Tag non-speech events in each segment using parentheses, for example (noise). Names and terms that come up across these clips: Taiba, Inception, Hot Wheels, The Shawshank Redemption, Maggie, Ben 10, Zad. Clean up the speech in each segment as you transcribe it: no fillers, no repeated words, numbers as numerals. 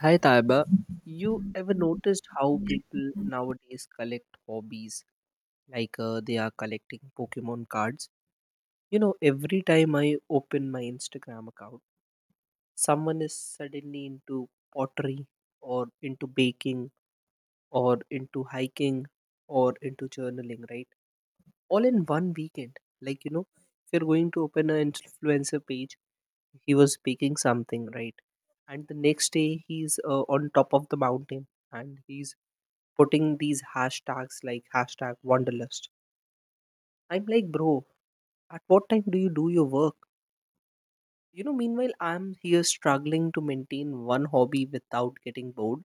Hi Taiba, you ever noticed how people nowadays collect hobbies like they are collecting Pokemon cards? You know, every time I open my Instagram account, someone is suddenly into pottery or into baking or into hiking or into journaling, right? All in one weekend. Like, you know, if you're going to open an influencer page, he was baking something, right? And the next day he's on top of the mountain and he's putting these hashtags like hashtag wanderlust. I'm like, bro, at what time do you do your work? You know, meanwhile, I'm here struggling to maintain one hobby without getting bored.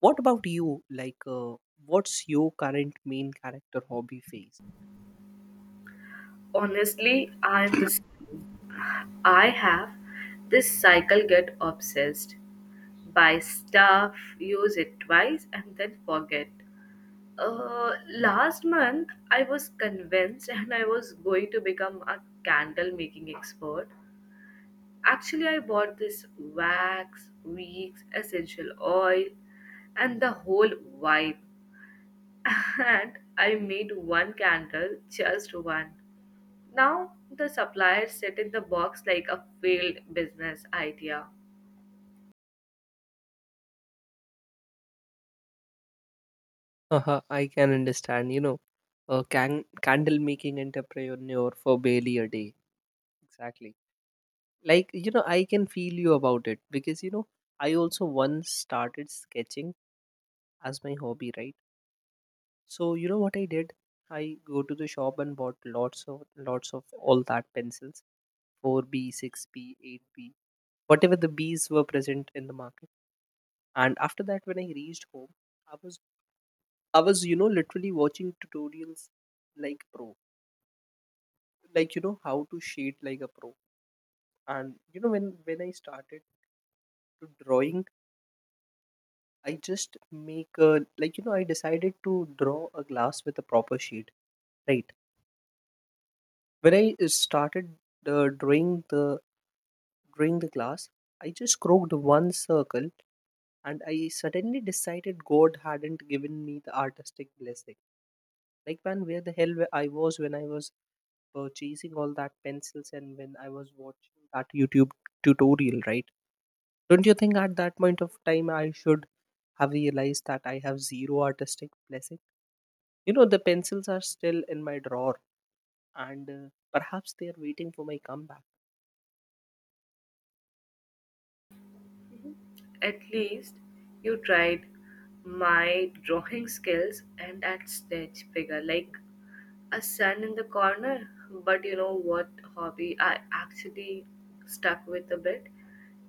What about you? What's your current main character hobby phase? Honestly, I'm the same. I have this cycle get obsessed by stuff, use it twice and then forget. Last month I was convinced (laughs) and I was going to become a candle making expert. Actually, I bought this wax, wigs, essential oil, and the whole vibe. (laughs) And I made one candle, just one. Now the suppliers sit in the box like a failed business idea. Uh huh. I can understand, you know, a candle making entrepreneur for barely a day. Exactly. Like, you know, I can feel you about it because, you know, I also once started sketching as my hobby, right? So you know what I did? I go to the shop and bought lots of all that pencils, 4B, 6B, 8B, whatever the B's were present in the market. And after that, when I reached home, I was I was, you know, literally watching tutorials like pro, like you know how to shade like a pro. And you know when I started to drawing, I just make a, like, you know, I decided to draw a glass with a proper shade, right? When I started drawing the During the class, I just crooked one circle and I suddenly decided God hadn't given me the artistic blessing. Like, man, where the hell were I was when I was purchasing all that pencils and when I was watching that YouTube tutorial, right? Don't you think at that point of time I should have realized that I have zero artistic blessing? You know, the pencils are still in my drawer and perhaps they are waiting for my comeback. At least you tried my drawing skills and that stitch figure like a sun in the corner. But you know what hobby I actually stuck with a bit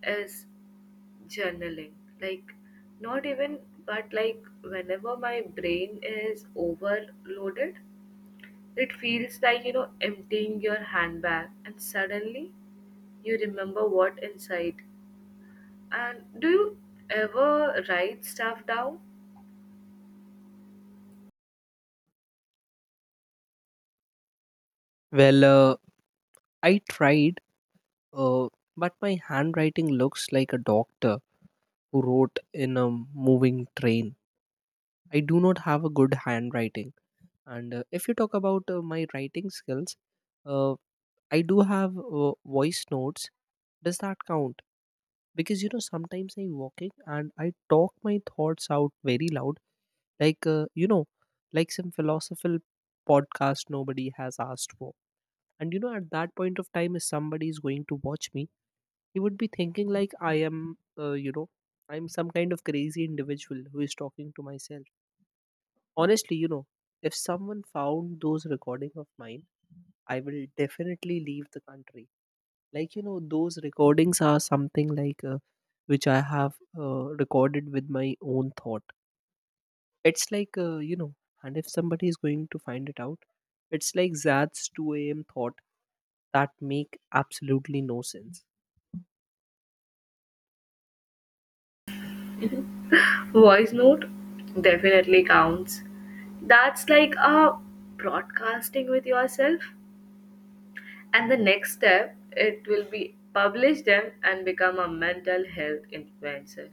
is journaling. Like not even but like whenever my brain is overloaded. It feels like, you know, emptying your handbag and suddenly you remember what inside. And do you ever write stuff down? Well, uh, I tried. Uh, but my handwriting looks like a doctor who wrote in a moving train. I do not have a good handwriting. And if you talk about my writing skills, uh, I do have voice notes. Does that count? Because you know, sometimes I'm walking and I talk my thoughts out very loud, like you know, like some philosophical podcast nobody has asked for. And you know, at that point of time, if somebody is going to watch me, he would be thinking like I am, you know, I'm some kind of crazy individual who is talking to myself. Honestly, you know, if someone found those recording of mine, I will definitely leave the country. Like, you know, those recordings are something like which I have recorded with my own thought. It's like You know, and if somebody is going to find it out, it's like zad's 2 a.m thought that make absolutely no sense. Voice note definitely counts. That's like a broadcasting with yourself. And the next step, it will be publish them and become a mental health influencer.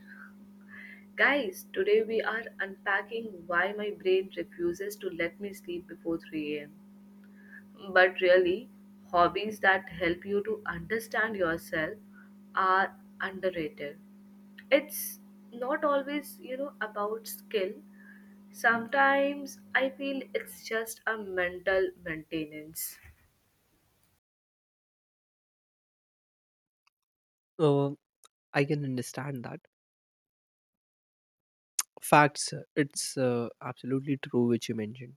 Guys, today we are unpacking why my brain refuses to let me sleep before 3 a.m. But really, hobbies that help you to understand yourself are underrated. It's not always, you know, about skill. Sometimes I feel it's just a mental maintenance. uh, I can understand that. Facts. It's absolutely true which you mentioned.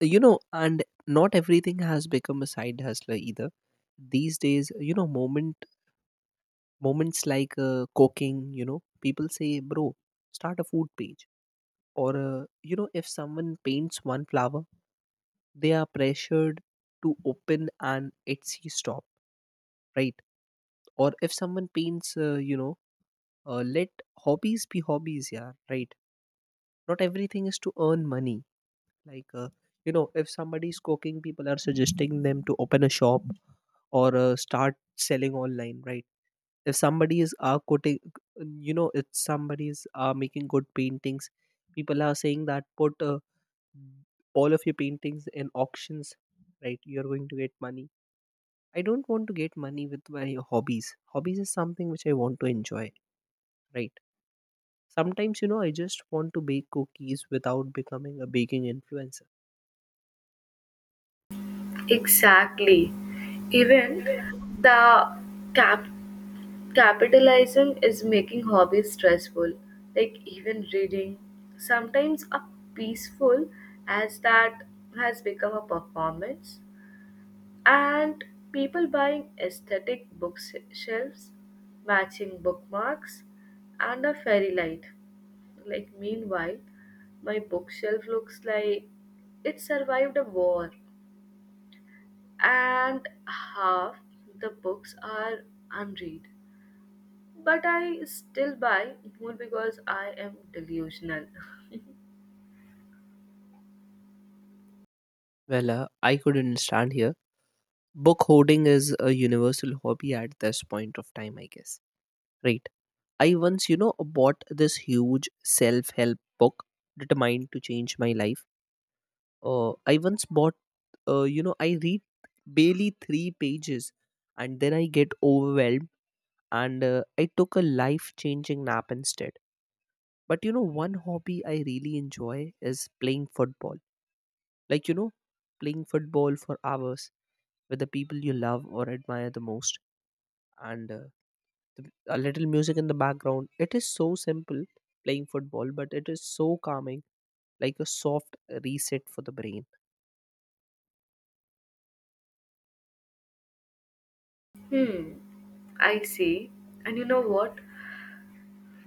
You know, and not everything has become a side hustler either. These days, you know, moments like cooking. You know, people say, "Bro, start a food page." Or you know, if someone paints one flower, they are pressured to open an Etsy shop, right? Or if someone paints, you know, let hobbies be hobbies, yeah, right? Not everything is to earn money like you know, if somebody is cooking, people are suggesting them to open a shop or start selling online, right? If somebody is are cooking, you know, if somebody is are making good paintings, people are saying that put, all of your paintings in auctions, right? You're going to get money. I don't want to get money with my hobbies. Hobbies is something which I want to enjoy, right? Sometimes, you know, I just want to bake cookies without becoming a baking influencer. Exactly. Even the cap capitalism is making hobbies stressful, like even reading sometimes a peaceful as that has become a performance, and people buying aesthetic bookshelves, matching bookmarks, and a fairy light. Like, meanwhile, my bookshelf looks like it survived a war, and half the books are unread. But I still buy more because I am delusional. (laughs) I could understand here. Book hoarding is a universal hobby at this point of time, I guess. Right. I once, you know, bought this huge self help book determined to change my life. Uh, I once bought, you know, I read barely three pages and then I get overwhelmed and I took a life changing nap instead. But, you know, one hobby I really enjoy is playing football. Like, you know, playing football for hours with the people you love or admire the most and a little music in the background. It is so simple playing football, but it is so calming, like a soft reset for the brain. Hmm, I see. And you know what?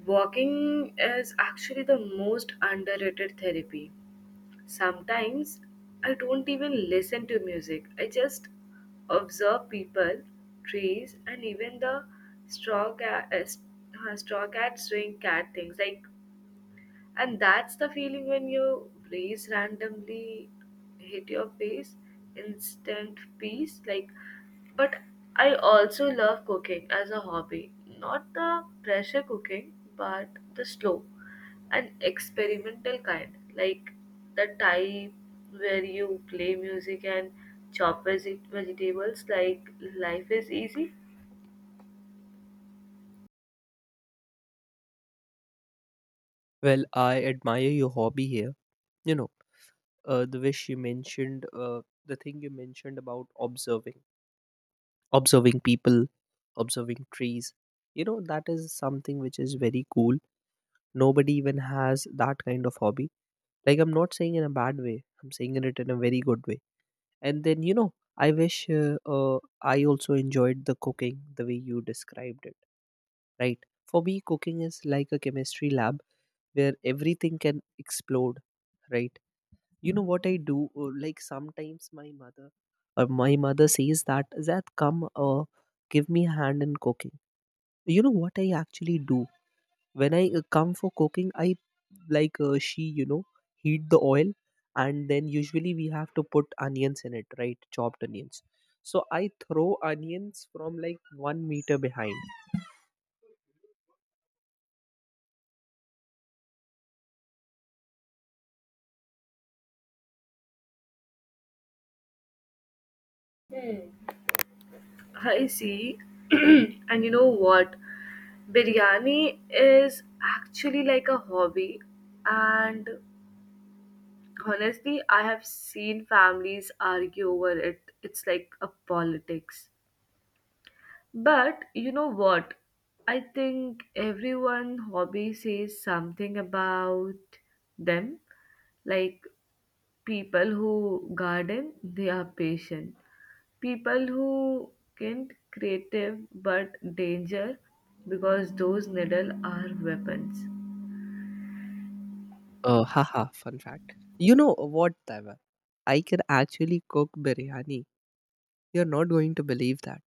Walking is actually the most underrated therapy. Sometimes I don't even listen to music. I just observe people, trees, and even the straw cat, straw cat doing cat things. Like and that's the feeling when your rays randomly hit your face, instant peace. Like, but I also love cooking as a hobby. Not the pressure cooking, but the slow and experimental kind. Like the type where you play music and chop vegetables like life is easy. Well, I admire your hobby here. You know, the thing you mentioned about observing people, observing trees, you know, that is something which is very cool. Nobody even has that kind of hobby. Like, I'm not saying in a bad way, I'm saying it in a very good way. And then, you know, I wish I also enjoyed the cooking the way you described it, right? For me, cooking is like a chemistry lab where everything can explode, right? You know what I do, like, sometimes my mother, says that that come give me a hand in cooking. You know what I actually do? When I come for cooking, I like she, you know, heat the oil, and then usually we have to put onions in it, right? Chopped onions. So I throw onions from like one meter behind. Hmm. I see. (clears throat) And you know what? Biryani is actually like a hobby, and honestly, I have seen families argue over it. It's like a politics. But you know what? I think everyone hobby says something about them. Like people who garden, they are patient. People who can't creative but danger because those needle are weapons. Uh, haha, fun fact, you know what, Taiva? I can actually cook biryani. You're not going to believe that,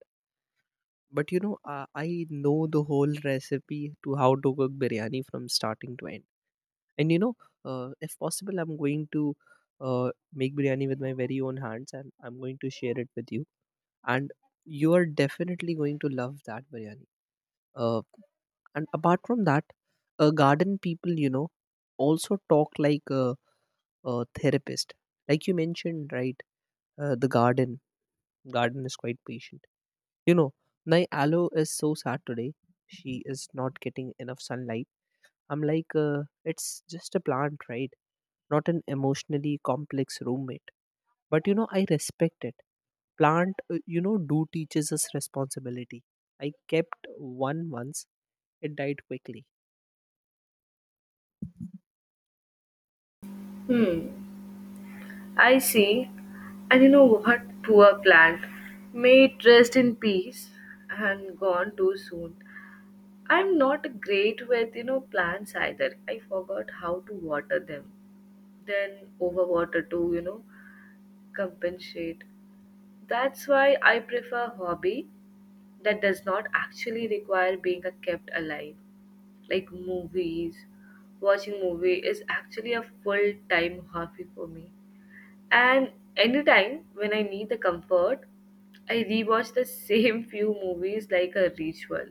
but you know, I know the whole recipe to how to cook biryani from starting to end. And you know, if possible, I'm going to make biryani with my very own hands, and I'm going to share it with you. And you are definitely going to love that biryani. Uh, and apart from that, garden people, you know, also talk like a therapist. Like you mentioned, right? The garden is quite patient. You know, my aloe is so sad today. She is not getting enough sunlight. I'm like, it's just a plant, right? Not an emotionally complex roommate. But you know, I respect it. Plant, you know, do teaches us responsibility. I kept one once. It died quickly. Hmm. I see. And you know what? Poor plant. May it rest in peace and gone too soon. I'm not great with, you know, plants either. I forgot how to water them. Then overwater to, you know, compensate. That's why I prefer hobby that does not actually require being a kept alive. Like movies. Watching movie is actually a full-time hobby for me. And anytime when I need the comfort, I rewatch the same (laughs) few movies like a ritual.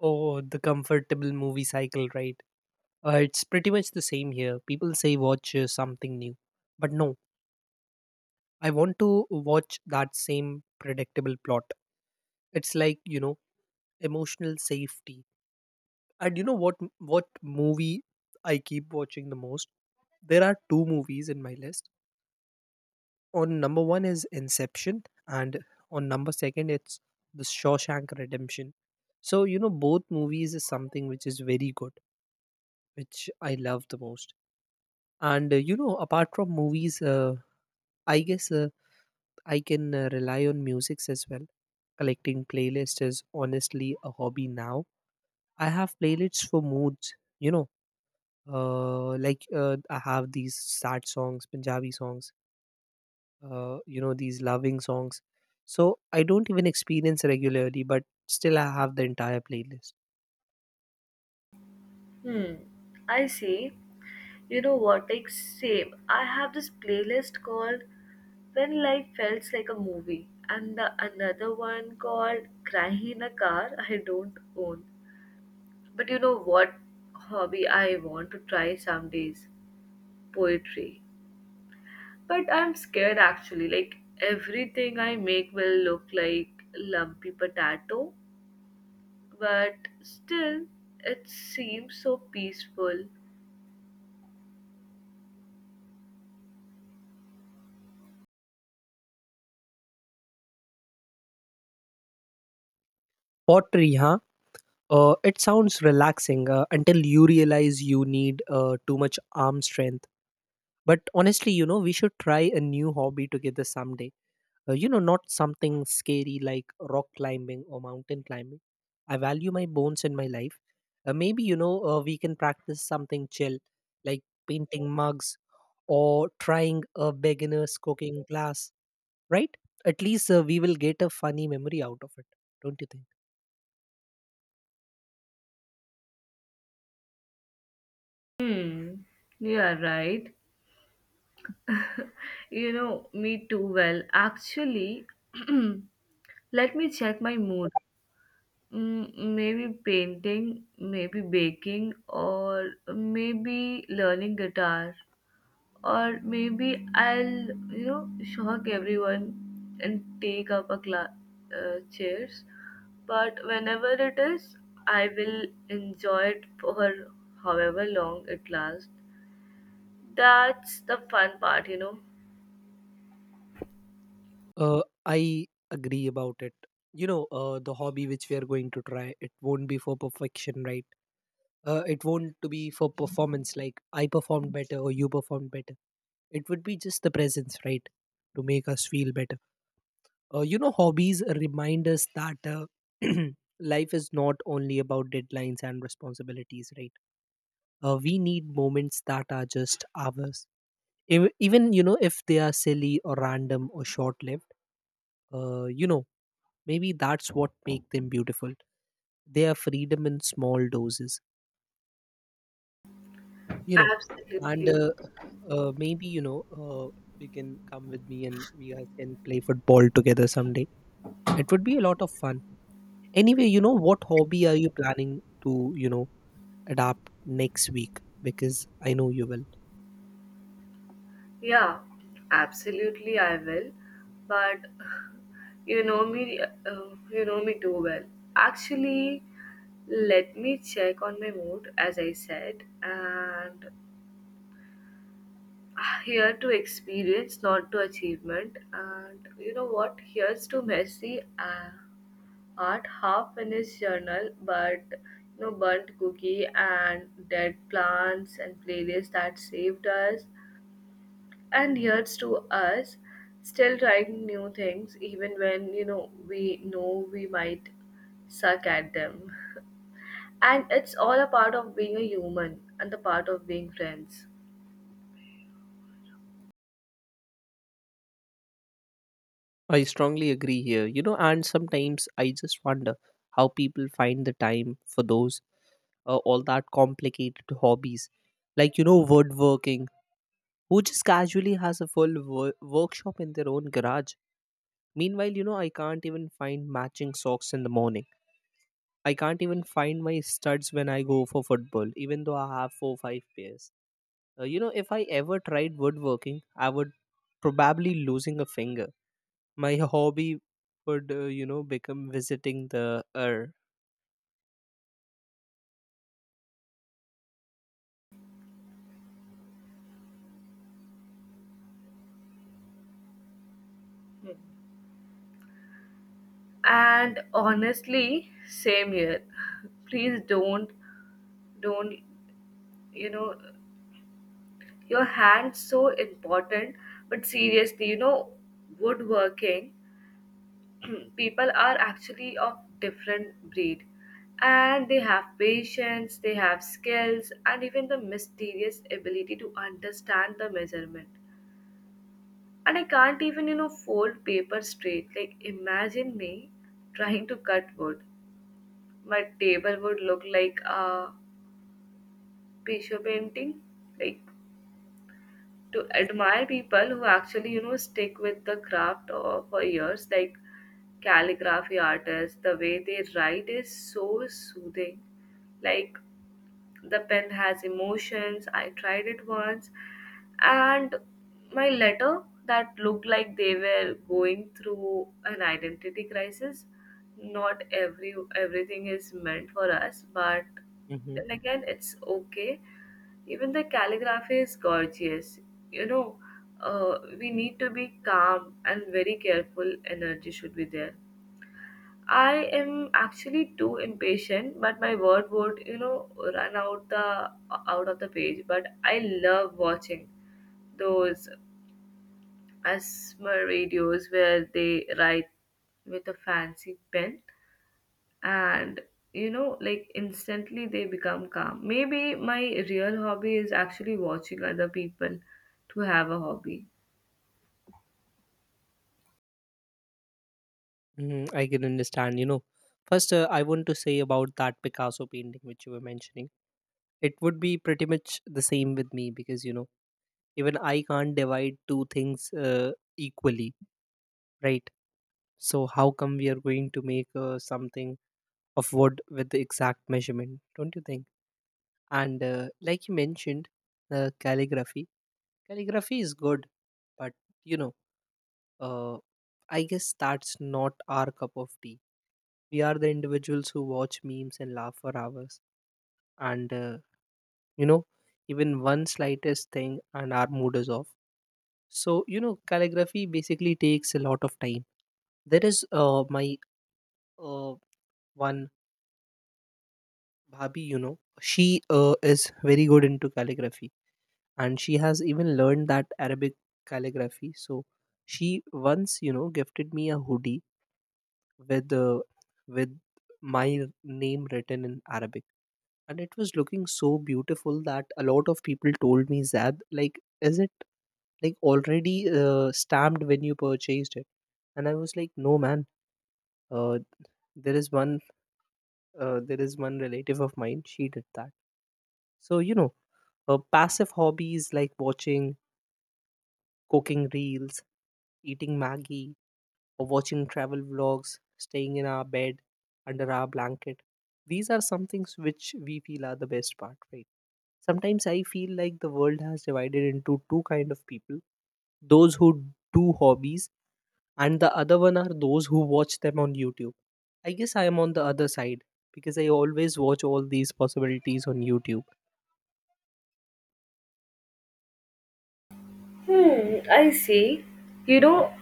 Oh, the comfortable movie cycle, right? It's pretty much the same here. People say watch something new. But no, I want to watch that same predictable plot. It's like, you know, emotional safety. And you know what movie I keep watching the most? There are two movies in my list. On number one is Inception, and on number second it's The Shawshank Redemption. So you know both movies is something which is very good, which I love the most. And you know, apart from movies, I guess, I can rely on musics as well. Collecting playlists is honestly a hobby now. I have playlists for moods. You know, like I have these sad songs, Punjabi songs, you know, these loving songs. So I don't even experience regularly, but still I have the entire playlist. Hmm. I see. You know what? Like same. I have this playlist called When Life Felt Like a Movie and the another one called Crying in a Car I don't own. But you know what hobby I want to try some days? Poetry. But I'm scared actually. Like everything I make will look like lumpy potato, but still it seems so peaceful. Pottery, huh? It sounds relaxing until you realize you need too much arm strength. But honestly, you know, we should try a new hobby together someday. You know, not something scary like rock climbing or mountain climbing. I value my bones in my life. Maybe, you know, we can practice something chill, like painting mugs or trying a beginner's cooking class, right? At least we will get a funny memory out of it. Don't you think? Hmm. Yeah, right. You know me too well. Actually, (clears throat) let me check my mood. Mm, maybe painting, maybe baking, or maybe learning guitar. Or maybe I'll, you know, shock everyone and take up a class, chairs, but whenever it is, I will enjoy it for however long it lasts. That's the fun part, you know. I agree about it. You know, the hobby which we are going to try, it won't be for perfection, right? It won't to be for performance, like I performed better or you performed better. It would be just the presence, right? To make us feel better. You know, hobbies remind us that, (clears throat) life is not only about deadlines and responsibilities, right? We need moments that are just ours. Even you know, if they are silly or random or short lived, you know, maybe that's what make them beautiful. They are freedom in small doses, you know. And Absolutely. Maybe, you know, you can come with me and we guys can play football together someday. It would be a lot of fun. Anyway, you know, what hobby are you planning to, you know, adapt next week? Because I know you will. Yeah, absolutely I will. But (sighs) you know me, you know me too well. Actually, let me check on my mood as I said. And here to experience, not to achievement. And you know what? Here's to messy art, half finished journal, but you know, burnt cookie and dead plants and playlists that saved us. And here's to us still trying new things, even when you know we might suck at them. (laughs) And it's all a part of being a human and the part of being friends. I strongly agree here, you know, and sometimes I just wonder how people find the time for those, all that complicated hobbies, like you know woodworking, who just casually has a full workshop in their own garage. Meanwhile, you know, I can't even find matching socks in the morning. I can't even find my studs when I go for football, even though I have four five pairs. You know, if I ever tried woodworking, I would probably losing a finger. My (laughs) hobby would, you know, become visiting the earth. And honestly, same here. (laughs) Please don't, you know, your hand's so important. But seriously, you know, woodworking (clears throat) people are actually of different breed, and they have patience, they have skills, and even the mysterious ability to understand the measurement. And I can't even, you know, fold paper straight. Like imagine me trying to cut wood. My table would look like a Patio painting, like to admire people who actually, you know, stick with the craft or, for years, like calligraphy artists, the way they write is so soothing. Like the pen has emotions. I tried it once and my letter that looked like they were going through an identity crisis. Not everything is meant for us, but hmm then again it's okay. Even the calligraphy is gorgeous. You know, we need to be calm and very careful. Energy should be there. I am actually too impatient, but my word would, you know, run out the out of the page. But I love watching those ASMR videos where they write with a fancy pen and you know like instantly they become calm. Maybe my real hobby is actually watching other people to have a hobby. hmm. I can understand. You know, first I want to say about that Picasso painting which you were mentioning. It would be pretty much the same with me, because you know, even I can't divide two things equally. Right. So how come we are going to make something of wood with the exact measurement? Don't you think? And like you mentioned, calligraphy. Calligraphy is good, but you know, uh, I guess that's not our cup of tea. We are the individuals who watch memes and laugh for hours, and you know, even one slightest thing, and our mood is off. So you know, calligraphy basically takes a lot of time. There is my uh, one Bhabi, you know, she is very good into calligraphy, and she has even learned that Arabic calligraphy. So she once, you know, gifted me a hoodie with with my name written in Arabic. And it was looking so beautiful that a lot of people told me, Zad, like, is it like already stamped when you purchased it? And I was like, no, man, uh, there is one, there is one relative of mine. She did that. So, you know, passive hobbies like watching cooking reels, eating Maggie, or watching travel vlogs, staying in our bed under our blanket. These are some things which we feel are the best part, right? Sometimes I feel like the world has divided into two kind of people: those who do hobbies, and the other one are those who watch them on YouTube. I guess I am on the other side because I always watch all these possibilities on YouTube. Hmm, I see. You know,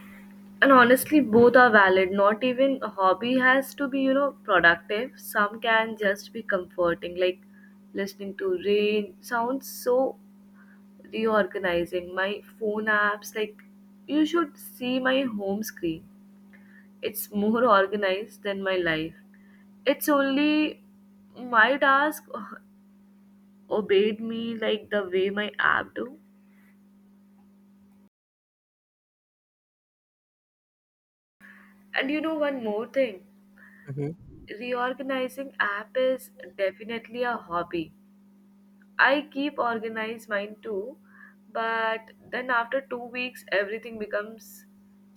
and honestly both are valid. Not even a hobby has to be, you know, productive. Some can just be comforting, like listening to rain sounds, so reorganizing my phone apps. Like you should see my home screen. It's more (laughs) organized than my life. It's only my task (laughs) obeyed me like the way my app do. And you know one more thing, Mhm. reorganizing app is definitely a hobby. I keep organized mine too, but then after two weeks, everything becomes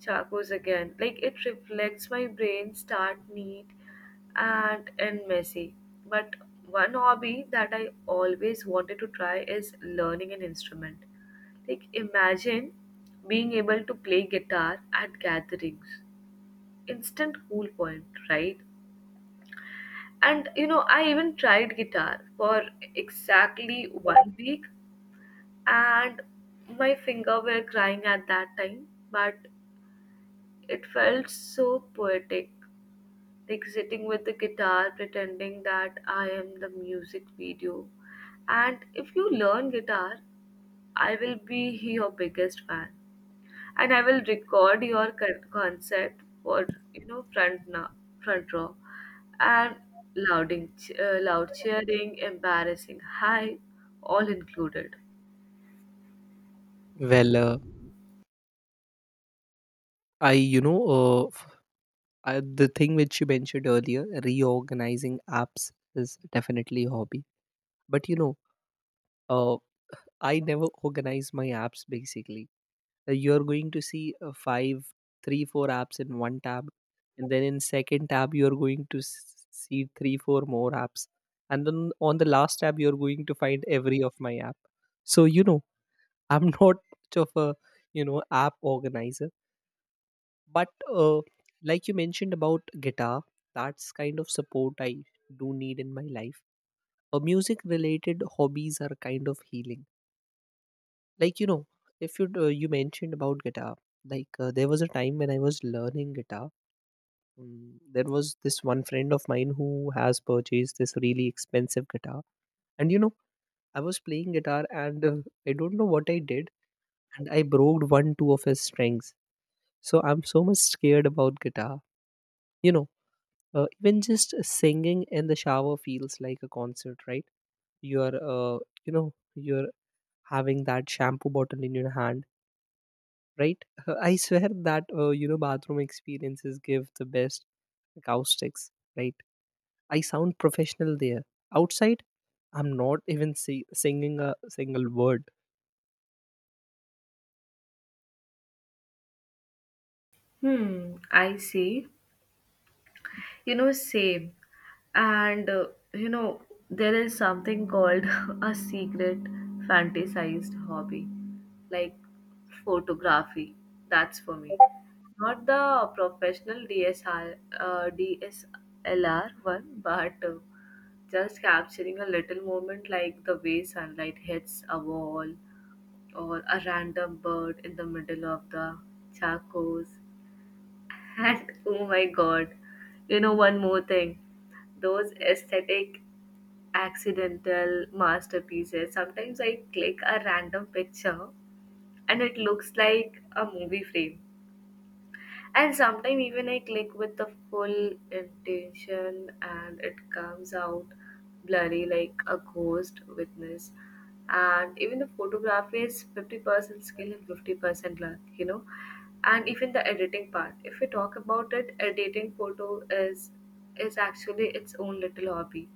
charcoals again. Like it reflects my brain, start neat and end messy. But one hobby that I always wanted to try is learning an instrument. Like imagine being able to play guitar at gatherings. Instant cool point, right? And you know, I even tried guitar for exactly one week and my finger were crying at that time, but it felt so poetic, like sitting with the guitar pretending that I am the music video. And if you learn guitar, I will be your biggest fan, and I will record your concert for, you know, front row, and loud cheering embarrassing hi, all included. Well, I you know the thing which you mentioned earlier, reorganizing apps is definitely a hobby, but you know, uh, I never organize my apps basically. You're going to see five three four apps in one tab, and then in second tab you're going to see three four more apps, and then on the last tab you're going to find every of my app. So you know, I'm (laughs) not much of a, you know, app organizer, but like you mentioned about guitar, that's kind of support I do need in my life. Music related hobbies are kind of healing. Like you know, if you you mentioned about guitar, like there was a time when I was learning guitar. There was this one friend of mine who has purchased this really expensive guitar, and you know, I was playing guitar, and I don't know what I did, and I broke one two of his strings. So I'm so much scared about guitar. You know, even just singing in the shower feels like a concert, right? You're uh, you know you're having that shampoo bottle in your hand, right. (laughs) I swear that you know, bathroom experiences give the best acoustics, right. I sound professional there. Outside, I'm not even singing a single word. Hmm, I see. You know, same. And you know, there is something called (laughs) a secret fantasized hobby, like photography. That's for me. Not the professional DSLR one, but just capturing a little moment like the way sunlight hits a wall or a random bird in the middle of the charcoals. And oh my god, you know, one more thing, those aesthetic, accidental masterpieces. Sometimes I click a random picture and it looks like a movie frame, and sometimes even I click with the full intention and it comes out blurry like a ghost witness. And even the photography is 50% skill and 50% luck, you know. And even the editing part, if we talk about it, editing photo is actually its own little hobby.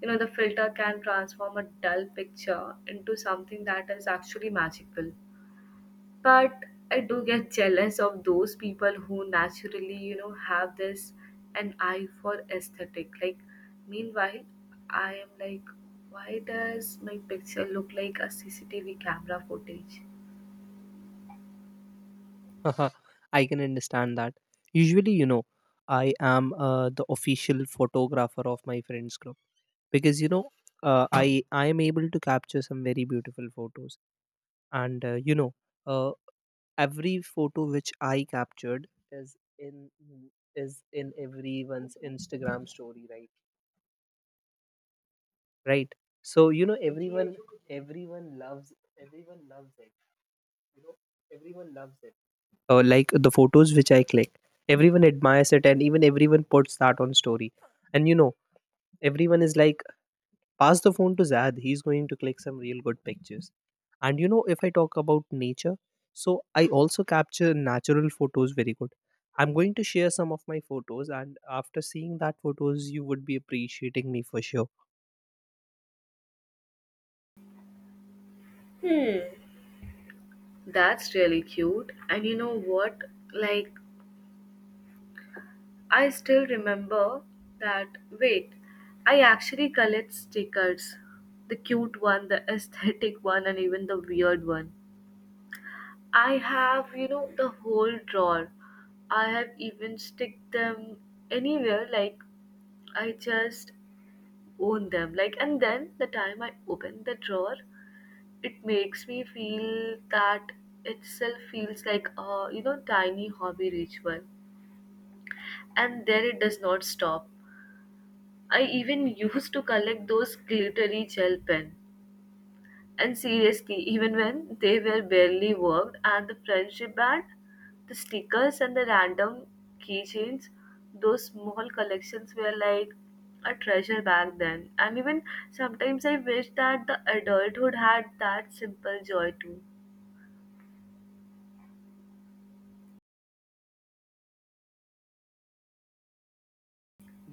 You know, the filter can transform a dull picture into something that is actually magical. But I do get jealous of those people who naturally, you know, have this an eye for aesthetic. Like, meanwhile, I am like, why does my picture look like a CCTV camera footage? (laughs) I can understand that. Usually you know, I am the official photographer of my friends group, because you know uh, i I am able to capture some very beautiful photos. And you know, uh, every photo which I captured is in everyone's Instagram story, right. Right. So you know, everyone loves, everyone loves it. You know, everyone loves it. Like the photos which I click, everyone admires it, and even everyone puts that on story. And you know, everyone is like, pass the phone to Zad, he's going to click some real good pictures. And you know, if I talk about nature, so I also capture natural photos very good. I'm going to share some of my photos, and after seeing that photos you would be appreciating me for sure. Hmm. That's really cute. And you know what? Like, I still remember that. Wait, I actually collect stickers, the cute one, the (laughs) aesthetic one, and even the weird one. I have, you know, the whole drawer. I have even stick them anywhere. Like I just own them. Like and then the time I open the drawer, it makes me feel that itself feels like a, you know, tiny hobby ritual. And then it does not stop. I even (laughs) used to collect those glittery gel pen. And seriously, even when they were barely worked and the friendship band, the stickers and the random keychains, those small collections were like a treasure back then. And even sometimes I wish that the adulthood had that simple joy too.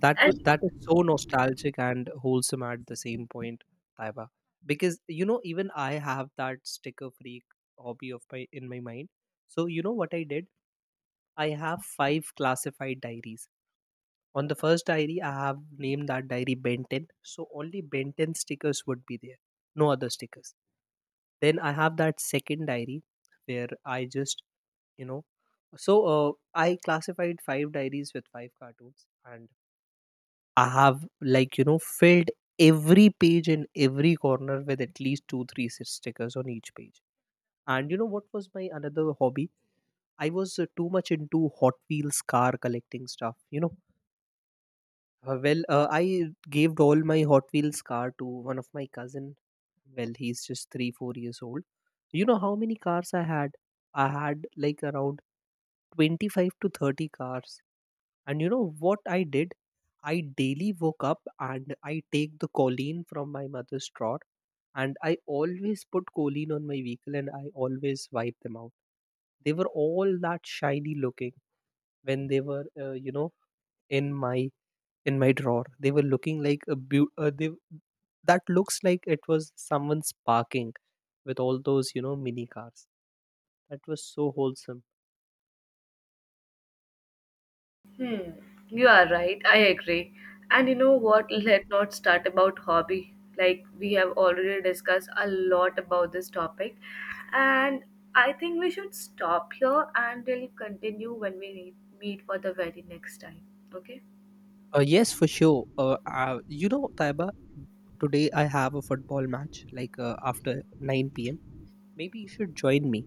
that was And that is so nostalgic and wholesome at the same point, Taiba. Because you know, even I have that sticker freak hobby of my in my mind. So you know what I did, I have five classified diaries. On the first diary, I have named that diary Ben 10. So only Ben 10 stickers would be there, no other stickers. Then I have that second diary where I just, you know, so I classified five diaries with five cartoons, and I have, like, you know, filled every page in every corner with at least two, three stickers on each page. And you know what was my another hobby? I was too much into Hot Wheels car collecting stuff, you know. Well, I gave all my Hot Wheels car to one of my cousin. Well, he's just three, 4 years old. You know how many cars I had? I had like around 25 to 30 cars. And you know what I did? I daily woke up and I take the choline from my mother's drawer, and I always put choline on my vehicle and I always wipe them out. They were all that shiny looking when they were, you know, in my in my drawer. They were looking like a beau- they that looks like it was someone's parking with all those, you know, mini cars. That was so wholesome. hmm, you are right. I agree. And you know what? Let's not start about hobby. Like we have already discussed a lot about this topic, and I think we should stop here and we'll continue when we need, meet for the very next time. Okay? Yes, for sure, you know, Taiba, today I have a football match, like, after 9 p.m. Maybe you should join me.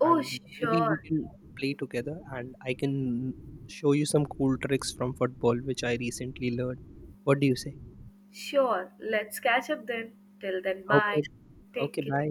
Oh, And maybe we sure. can play together, and I can show you some cool tricks from football which I recently learned. What do you say? Sure. Let's catch up then. Till then, bye. Okay. Take Okay, care. bye.